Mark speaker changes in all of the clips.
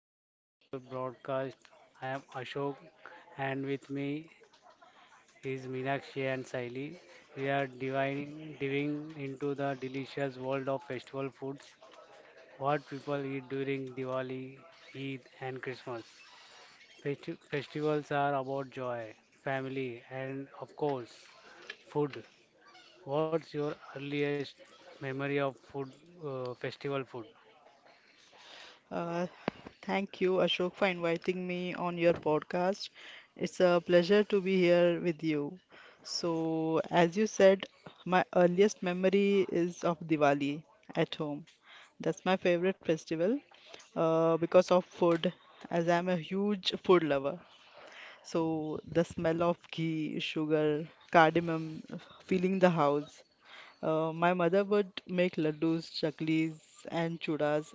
Speaker 1: today's special broadcast. I am Ashok and with me is Meenakshi and Saili. We are diving into the delicious world of festival foods, what people eat during Diwali, Eid and Christmas. Festivals are about joy, family and of course food. What's your earliest memory of food, festival food?
Speaker 2: Uh, Thank you, Ashok, for inviting me on your podcast. It's a pleasure to be here with you. So, as you said, my earliest memory is of Diwali at home. That's my favorite festival because of food, as I'm a huge food lover. So, the smell of ghee, sugar, cardamom, filling the house. My mother would make laddus, chaklis, and chudas,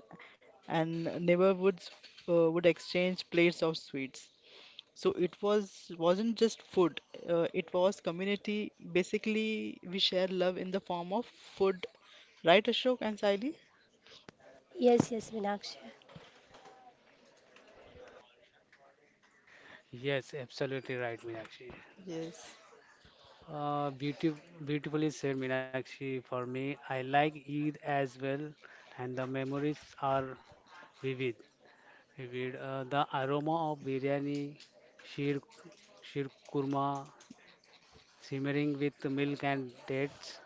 Speaker 2: and neighbor would exchange plates of sweets. So it was wasn't just food; it was community. Basically, we share love in the form of food, right, Ashok and Saili?
Speaker 3: Yes, yes, Meenakshi.
Speaker 1: Yes, absolutely right, Meenakshi.
Speaker 2: Yes.
Speaker 1: Uh, beautif- Beautifully said, Meenakshi. For me, I like Eid as well, and the memories are vivid. Vivid. The aroma of biryani, sheer, sheer kurma, simmering with milk and dates,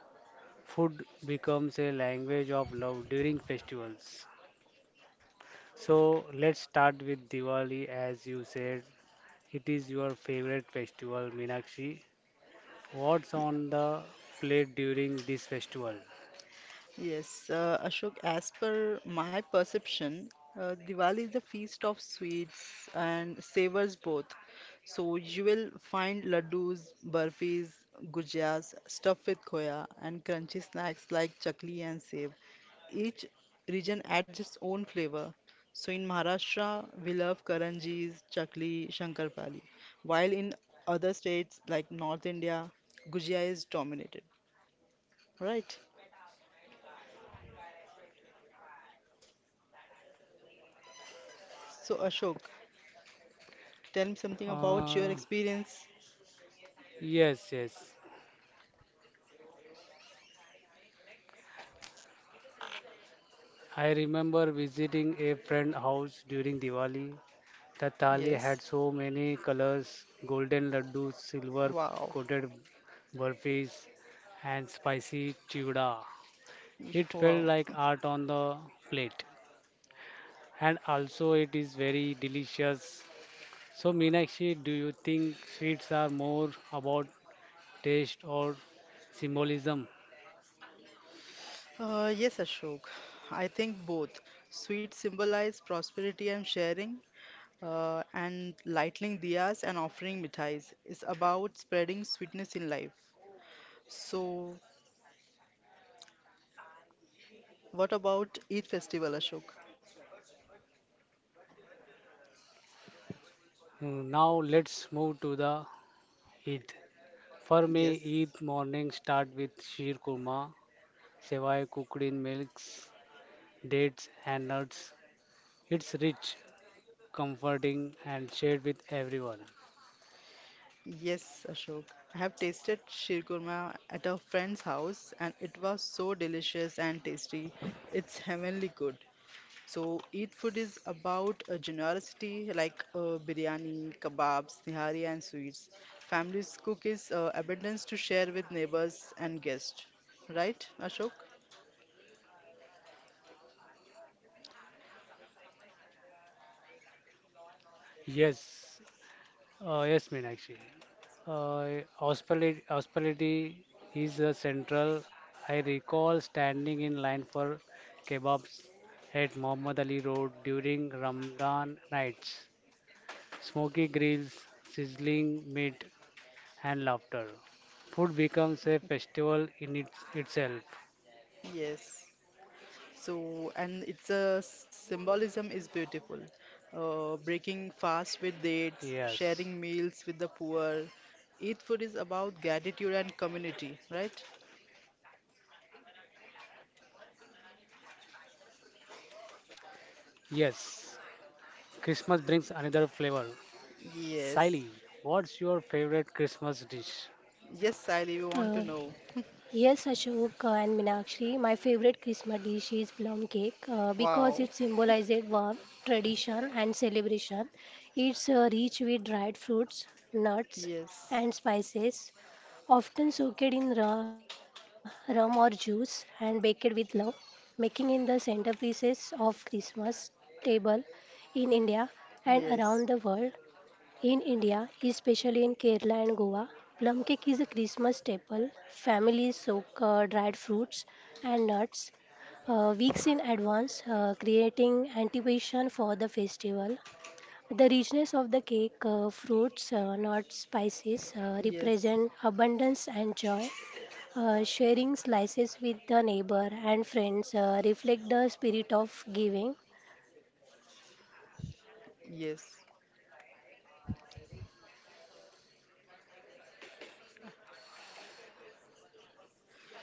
Speaker 1: food becomes a language of love during festivals. So let's start with Diwali, as you said. It is your favorite festival, Meenakshi. What's on the plate during this festival?
Speaker 2: Yes, Ashok, as per my perception, Diwali is a feast of sweets and savors both. So you will find laddus, burfis, gujias, stuffed with khoya, and crunchy snacks like chakli and sev. Each region adds its own flavor. So in Maharashtra, we love karanjis, chakli, shankarpali, while in other states like North India, gujia is dominated, right? So Ashok, tell me something about your
Speaker 1: Uh,
Speaker 2: experience.
Speaker 1: yes, yes. I remember visiting a friend house during Diwali. The thali had
Speaker 2: Yes.
Speaker 1: so many colors, golden laddus, silver
Speaker 2: Wow.
Speaker 1: coated burfis, and spicy chivda. It felt
Speaker 2: Wow.
Speaker 1: like art on the plate, and also it is very delicious. So, Meenakshi, do you think sweets are more about taste or symbolism?
Speaker 2: Yes, Ashok. I think both. Sweet symbolize prosperity and sharing, and lighting diyas and offering mithais is about spreading sweetness in life. So, what about Eid festival, Ashok?
Speaker 1: Hmm, now let's move to the Eid. For me,
Speaker 2: Yes,
Speaker 1: Eid morning start with sheer kurma, sevai cooked in milks, dates and nuts. It's rich, comforting and shared with everyone.
Speaker 2: yes, Ashok. I have tasted shirkurma at a friend's house, and it was so delicious and tasty. It's heavenly good. So, eat food is about a generosity like biryani, kebabs, nihari, and sweets. Families cook is abundance to share with neighbors and guests. Right, Ashok?
Speaker 1: Yes, yes, Meenakshi. Hospitality is central. I recall standing in line for kebabs at Muhammad Ali Road during Ramadan nights. Smoky grills, sizzling meat, and laughter. Food becomes a festival in itself.
Speaker 2: Yes. So, and it's a symbolism is beautiful. Breaking fast with dates,
Speaker 1: Yes,
Speaker 2: sharing meals with the poor. Eat food is about gratitude and community, right?
Speaker 1: yes. Christmas brings another flavor. Siley,
Speaker 2: Yes.
Speaker 1: what's your favorite Christmas dish?
Speaker 2: Yes, Sally, we want to
Speaker 3: Uh,
Speaker 2: know.
Speaker 3: yes, Ashok and Meenakshi, my favorite Christmas dish is plum cake because
Speaker 2: Wow.
Speaker 3: it symbolizes warmth, tradition, and celebration. It's rich with dried fruits, nuts,
Speaker 2: Yes.
Speaker 3: and spices, often soaked in rum or juice and baked with love, making it the centerpieces of Christmas table in India and around the
Speaker 2: Yes.
Speaker 3: world. In India, especially in Kerala and Goa, plum cake is a Christmas staple. Families soak dried fruits and nuts weeks in advance, creating anticipation for the festival. The richness of the cake, fruits, nuts, spices,
Speaker 2: Yes,
Speaker 3: represent abundance and joy. Sharing slices with the neighbor and friends reflect the spirit of giving.
Speaker 2: yes.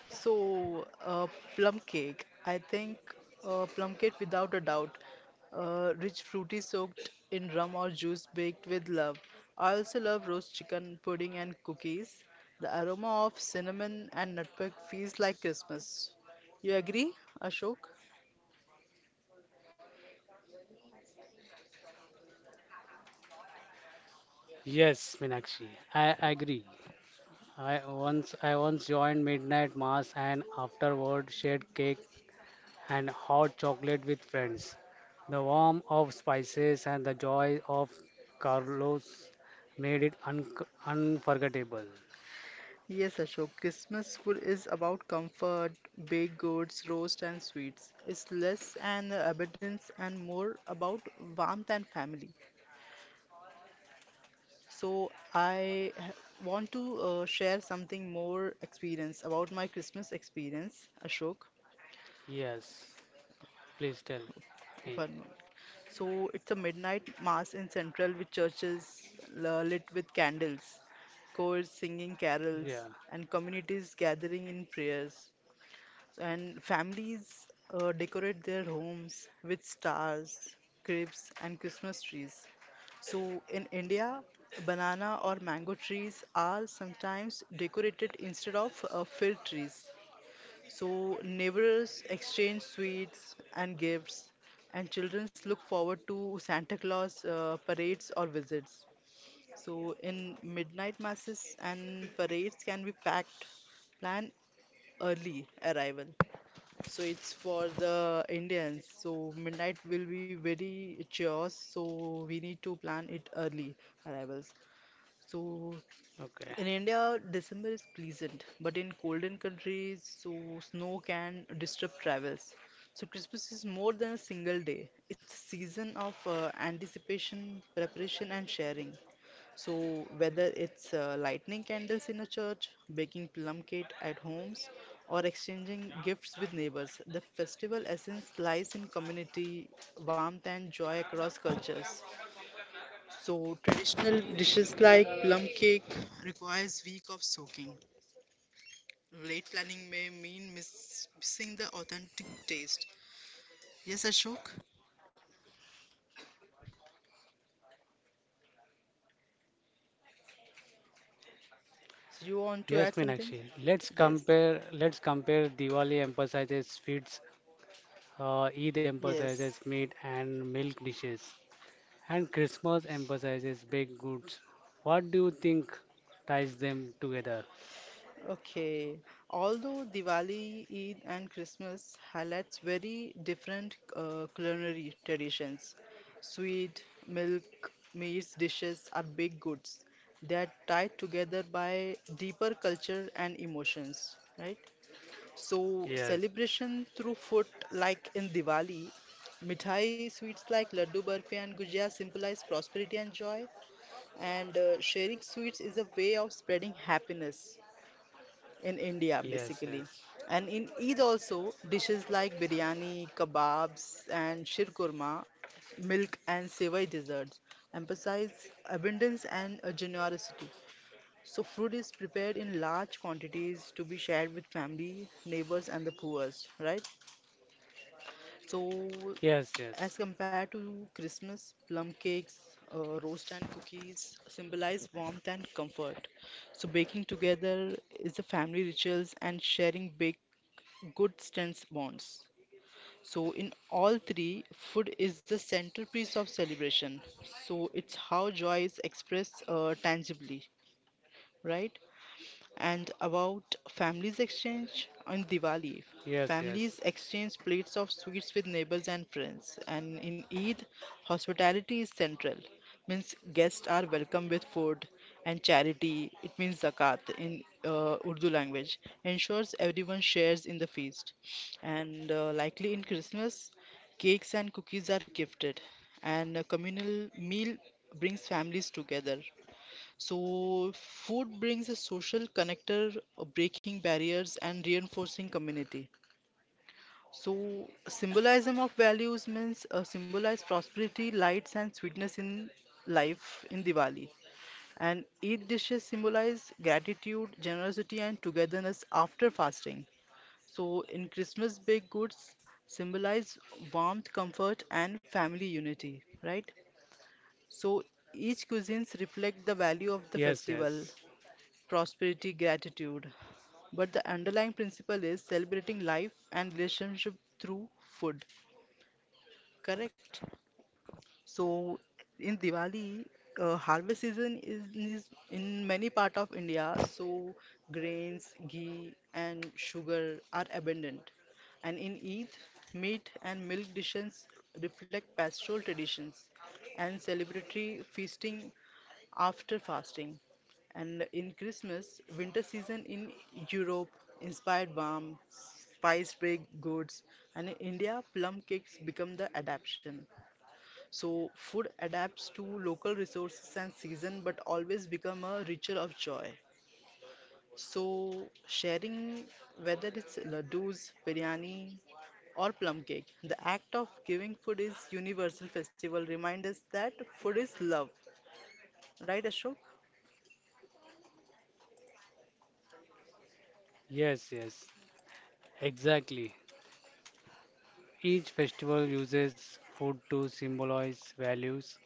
Speaker 2: So, plum cake. I think plum cake without a doubt. Rich fruity soaked in rum or juice baked with love. I also love roast chicken pudding and cookies. The aroma of cinnamon and nutmeg feels like Christmas. You agree, Ashok?
Speaker 1: Yes, Meenakshi, I agree. I once joined midnight mass and afterward shared cake and hot chocolate with friends. The warmth of spices and the joy of Carlos made it unforgettable.
Speaker 2: Yes, Ashok. Christmas food is about comfort, baked goods, roast, and sweets. It's less an abundance and more about warmth and family. So want to share something more experience about my Christmas experience, Ashok.
Speaker 1: Yes. Please tell me.
Speaker 2: One moment. So it's a midnight mass in Central with churches lit with candles, choirs singing carols,
Speaker 1: Yeah.
Speaker 2: and communities gathering in prayers. And families decorate their homes with stars, cribs, and Christmas trees. So, in India, banana or mango trees are sometimes decorated instead of filled trees. So, neighbors exchange sweets and gifts, and children look forward to Santa Claus parades or visits. So, in midnight masses and parades can be packed, plan early arrival. So it's for the Indians. So midnight will be very chaos. So we need to plan it early arrivals. So
Speaker 1: Okay.
Speaker 2: in India, December is pleasant, but in golden countries, so snow can disrupt travels. So Christmas is more than a single day. It's a season of anticipation, preparation, and sharing. So, whether it's lighting candles in a church, baking plum cake at homes, or exchanging gifts with neighbors, the festival essence lies in community, warmth, and joy across cultures. So, traditional dishes like plum cake requires week of soaking. Late planning may mean missing the authentic taste. Yes, Ashok, you
Speaker 1: Yes,
Speaker 2: want to add
Speaker 1: Meenakshi.
Speaker 2: something? Yes,
Speaker 1: Let's compare. Diwali emphasizes sweets. Eid emphasizes
Speaker 2: yes.
Speaker 1: meat and milk dishes, and Christmas emphasizes baked goods. What do you think ties them together?
Speaker 2: Okay. Although Diwali, Eid, and Christmas highlights very different culinary traditions, sweet, milk, meats, dishes are big goods. They are tied together by deeper culture and emotions, right? So
Speaker 1: Yes.
Speaker 2: celebration through food, like in Diwali, mithai sweets like laddu, barfi, and gujia symbolize prosperity and joy, and sharing sweets is a way of spreading happiness in India
Speaker 1: Yes.
Speaker 2: basically.
Speaker 1: Yes.
Speaker 2: And in Eid also, dishes like biryani, kebabs, and shirkurma, milk and sevai desserts emphasize abundance and generosity. So food is prepared in large quantities to be shared with family, neighbors, and the poor, right? So
Speaker 1: Yes. Yes.
Speaker 2: as compared to Christmas, plum cakes, roast and cookies symbolize warmth and comfort. So baking together is the family rituals and sharing baked good stance bonds. So, in all three, food is the centerpiece of celebration. So, it's how joy is expressed tangibly, right? And about families exchange on Diwali.
Speaker 1: Yes. Yes.
Speaker 2: Families exchange plates of sweets with neighbors and friends, and in Eid, hospitality is central. Means guests are welcome with food and charity. It means zakat in Urdu language. Ensures everyone shares in the feast, and likely in Christmas, cakes and cookies are gifted, and a communal meal brings families together. So, food brings a social connector, breaking barriers and reinforcing community. So, symbolism of values means symbolize prosperity, lights, and sweetness in life in Diwali. And each dishes symbolize gratitude, generosity, and togetherness after fasting. So, in Christmas, baked goods symbolize warmth, comfort, and family unity, right? So, each cuisines reflect the value of the
Speaker 1: Yes.
Speaker 2: festival
Speaker 1: Yes.
Speaker 2: prosperity, gratitude. But the underlying principle is celebrating life and relationship through food, correct? So in Diwali, harvest season is in many part of India, so grains, ghee, and sugar are abundant. And in Eid, meat and milk dishes reflect pastoral traditions and celebratory feasting after fasting. And in Christmas, winter season in Europe inspired warm, spiced baked goods, and in India, plum cakes become the adaptation. So food adapts to local resources and season, but always become a ritual of joy. So sharing, whether it's laddus, biryani, or plum cake, the act of giving food is universal festival. Remind us that food is love, right, Ashok?
Speaker 1: Yes. Yes. Exactly. Each festival uses food to symbolize values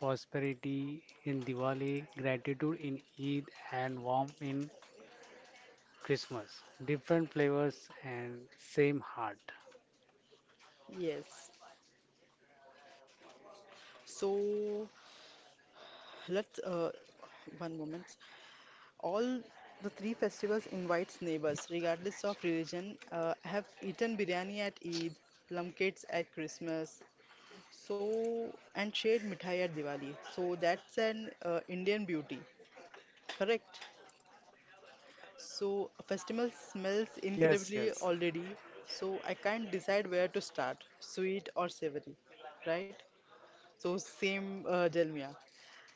Speaker 1: prosperity in Diwali, gratitude in Eid, and warmth in Christmas. Different flavors and same heart.
Speaker 2: Yes. So let one moment. All the three festivals invites neighbors, regardless of religion. I have eaten biryani at Eid, plum cakes at Christmas, so and shared mithai at Diwali. So that's an Indian beauty, correct? So a festival smells
Speaker 1: Yes, yes,
Speaker 2: incredibly already. So I can't decide where to start, sweet or savory, right? So same, Jelmia.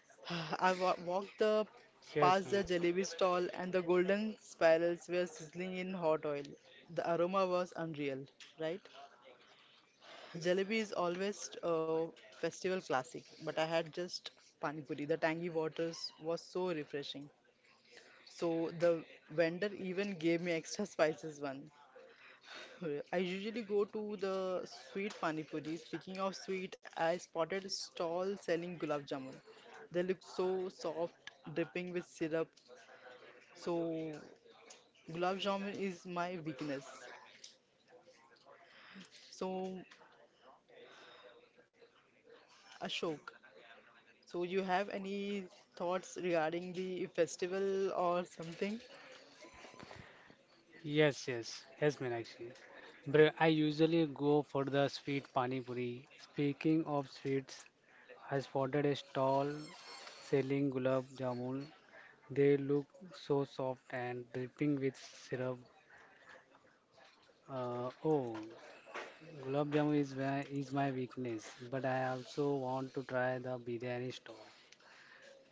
Speaker 2: I wa walked the
Speaker 1: yes,
Speaker 2: past
Speaker 1: Meenakshi.
Speaker 2: the jalebi stall and the golden spirals were sizzling in hot oil. The aroma was unreal, right? Jalebi is always a festival classic, but I had just pani puri. The tangy waters was so refreshing. So the vendor even gave me extra spices one. I usually go to the sweet pani puri. Speaking of sweet, I spotted a stall selling gulab jamun. They look so soft, dripping with syrup. So gulab jamun is my weakness. So Ashok, so you have any thoughts regarding the festival or something?
Speaker 1: Yes, yes, yes, Meenakshi. Bro, I usually go for the sweet pani puri. Speaking of sweets, I spotted a stall selling gulab jamun. They look so soft and dripping with syrup. Oh, gulab jamun is where is my weakness, but I also want to try the biryani stall.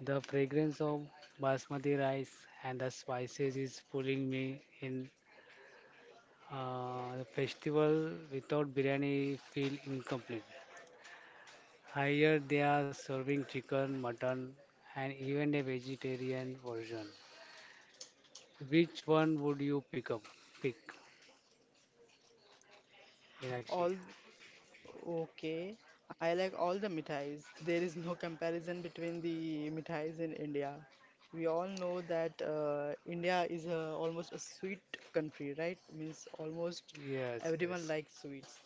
Speaker 1: The fragrance of basmati rice and the spices is pulling me in. The festival without biryani feel incomplete. Here they are serving chicken, mutton, and even a vegetarian version. Which one would you pick up? Pick, Meenakshi.
Speaker 2: All okay, I like all the mithais. There is no comparison between the mithais in India. We all know that India is a, almost a sweet country, right? Means almost
Speaker 1: Yes,
Speaker 2: everyone
Speaker 1: yes.
Speaker 2: likes sweets.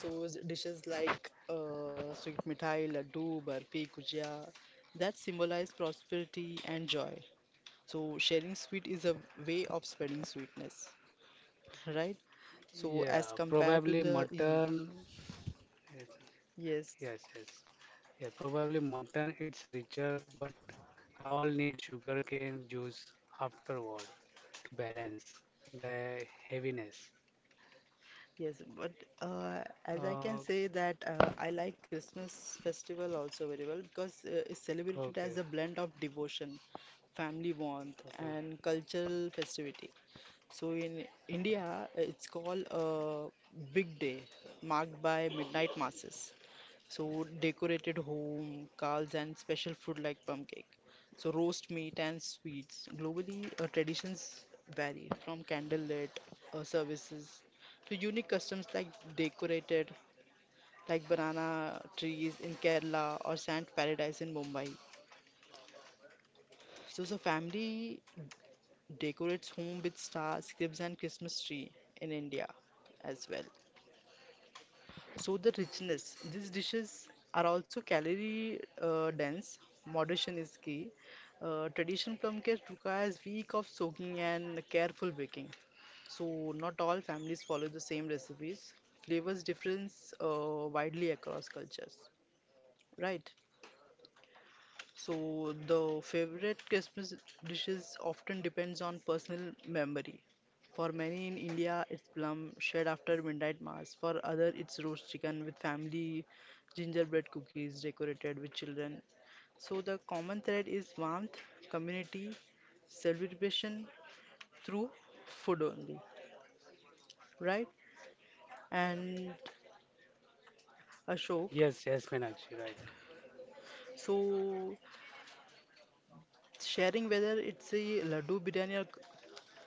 Speaker 2: So dishes like sweet mithai, laddu, barfi, gujia, that symbolize prosperity and joy. So sharing sweet is a way of spreading sweetness, right?
Speaker 1: Yeah,
Speaker 2: So as
Speaker 1: probably
Speaker 2: compared to the,
Speaker 1: mutton. Yes,
Speaker 2: yes.
Speaker 1: yes, yes. Yeah, probably mutton, it's richer, but I all need sugar cane juice afterward to balance the heaviness.
Speaker 2: Yes, but as I
Speaker 1: Uh,
Speaker 2: can say that I like Christmas festival also very well because it's celebrated
Speaker 1: okay,
Speaker 2: as a blend of devotion, family warmth,
Speaker 1: okay.
Speaker 2: and cultural festivity. So in India, it's called a big day marked by midnight masses. So decorated home, cars, and special food like pumpkin. So roast meat and sweets. Globally, traditions vary from candlelit services to unique customs like decorated like banana trees in Kerala or sand paradise in Mumbai. So family decorates home with stars, cribs, and Christmas tree in India as well. So the richness. These dishes are also calorie dense. Moderation is key. Traditional plum cake requires week of soaking and careful baking. So not all families follow the same recipes. Flavors difference widely across cultures. Right? So the favorite Christmas dishes often depends on personal memory. For many in India, it's plum shed after midnight mass. For other, it's roast chicken with family, gingerbread cookies decorated with children. So the common thread is warmth, community, celebration through food only, right? And Ashok.
Speaker 1: Yes, yes, Meenakshi, right.
Speaker 2: So sharing whether it's a laddu biryani or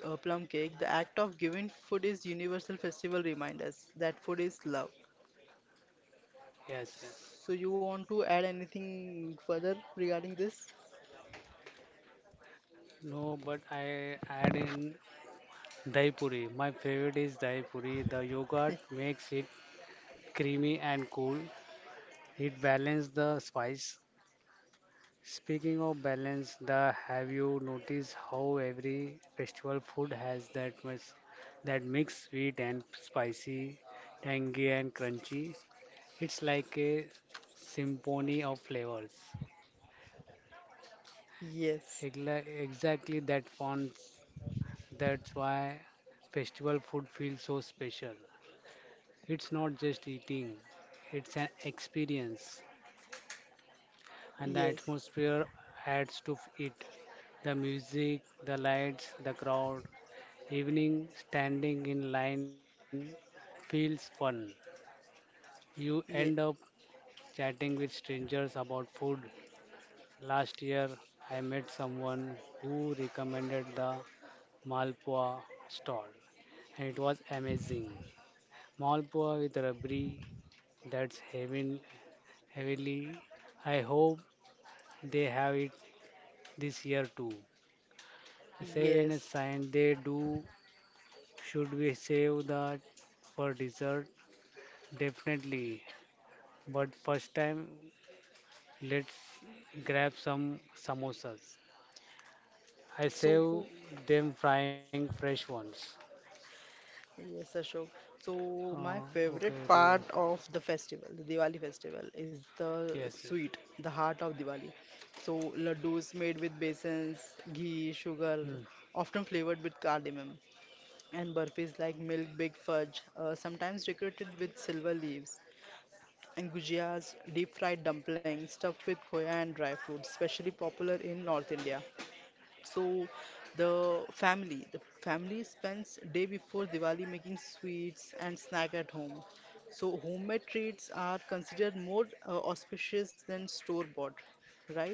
Speaker 2: plum cake, the act of giving food is universal festival reminders that food is love.
Speaker 1: Yes, yes.
Speaker 2: So you want to add anything further regarding this?
Speaker 1: No, but I add in dahi puri. My favorite is dahi puri. The yogurt makes it creamy and cool. It balances the spice. Speaking of balance, the have you noticed how every festival food has that mix sweet and spicy, tangy and crunchy? It's like a symphony of flavors.
Speaker 2: Yes,
Speaker 1: Exactly that fun. That's why festival food feels so special. It's not just eating; it's an experience, and the
Speaker 2: yes,
Speaker 1: atmosphere adds to it. The music, the lights, the crowd, evening standing in line feels fun. You end up
Speaker 2: yes,
Speaker 1: chatting with strangers about food. Last year, I met someone who recommended the Malpua stall, and it was amazing. Malpua with rabri that's heaven, heavily. I hope they have it this year too. Save and a
Speaker 2: yes.
Speaker 1: sign they do. Should we save that for dessert? Definitely. But first time let's grab some samosas. I
Speaker 2: So
Speaker 1: save them frying fresh ones.
Speaker 2: yes, Ashok. So
Speaker 1: Uh,
Speaker 2: my favorite
Speaker 1: okay, do you-
Speaker 2: part of the festival, the Diwali festival, is the
Speaker 1: yes, yes.
Speaker 2: sweet, the heart of Diwali. So laddus made with besons, ghee, sugar,
Speaker 1: Hmm.
Speaker 2: often flavored with cardamom. And burfis like milk big fudge, sometimes decorated with silver leaves, and gujias, deep fried dumplings stuffed with khoya and dry fruits, especially popular in North India. So, the family spends day before Diwali making sweets and snack at home. So, homemade treats are considered more auspicious than store bought, right?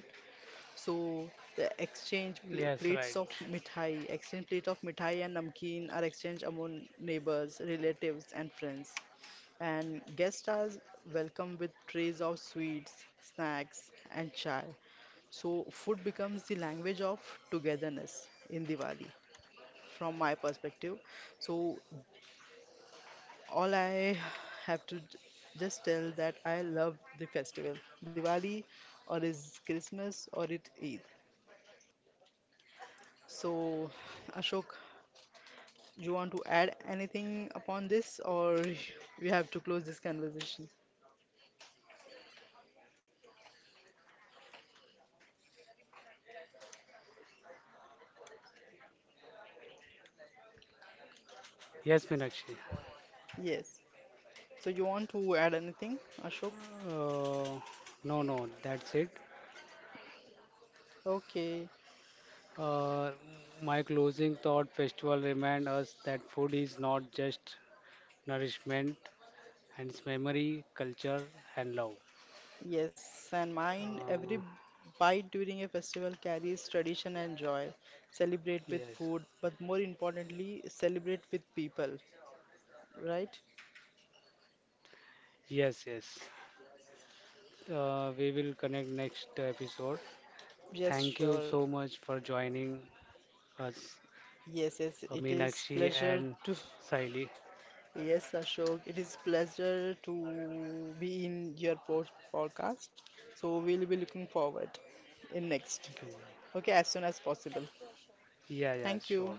Speaker 2: So the exchange pl
Speaker 1: Yes, right.
Speaker 2: plates of mithai, exchange plate of mithai and namkeen are exchanged among neighbors, relatives, and friends. And guests are welcomed with trays of sweets, snacks, and chai. So food becomes the language of togetherness in Diwali, from my perspective. So all I have to j- just tell that I love the festival, Diwali, or is Christmas, or it Eid. So, Ashok, you want to add anything upon this, or we have to close this conversation?
Speaker 1: Yes, Meenakshi.
Speaker 2: Yes. So, you want to add anything, Ashok?
Speaker 1: Uh, no, no, that's it.
Speaker 2: Okay.
Speaker 1: Uh, my closing thought festival remind us that food is not just nourishment, and it's memory, culture, and love.
Speaker 2: Yes. And mine, every
Speaker 1: Uh,
Speaker 2: bite during a festival carries tradition and joy. Celebrate with
Speaker 1: yes,
Speaker 2: food, but more importantly, celebrate with people, right?
Speaker 1: yes, yes. We will connect next episode.
Speaker 2: Yes,
Speaker 1: Thank you
Speaker 2: sure.
Speaker 1: so much for joining us,
Speaker 2: Yes, yes, it is
Speaker 1: Meenakshi
Speaker 2: pleasure
Speaker 1: and
Speaker 2: to.
Speaker 1: Saili.
Speaker 2: Yes, Ashok, it is pleasure to be in your podcast. So we'll be looking forward in next.
Speaker 1: Thank you.
Speaker 2: Okay, as soon as possible.
Speaker 1: Yeah, yeah,
Speaker 2: Thank
Speaker 1: sure.
Speaker 2: you.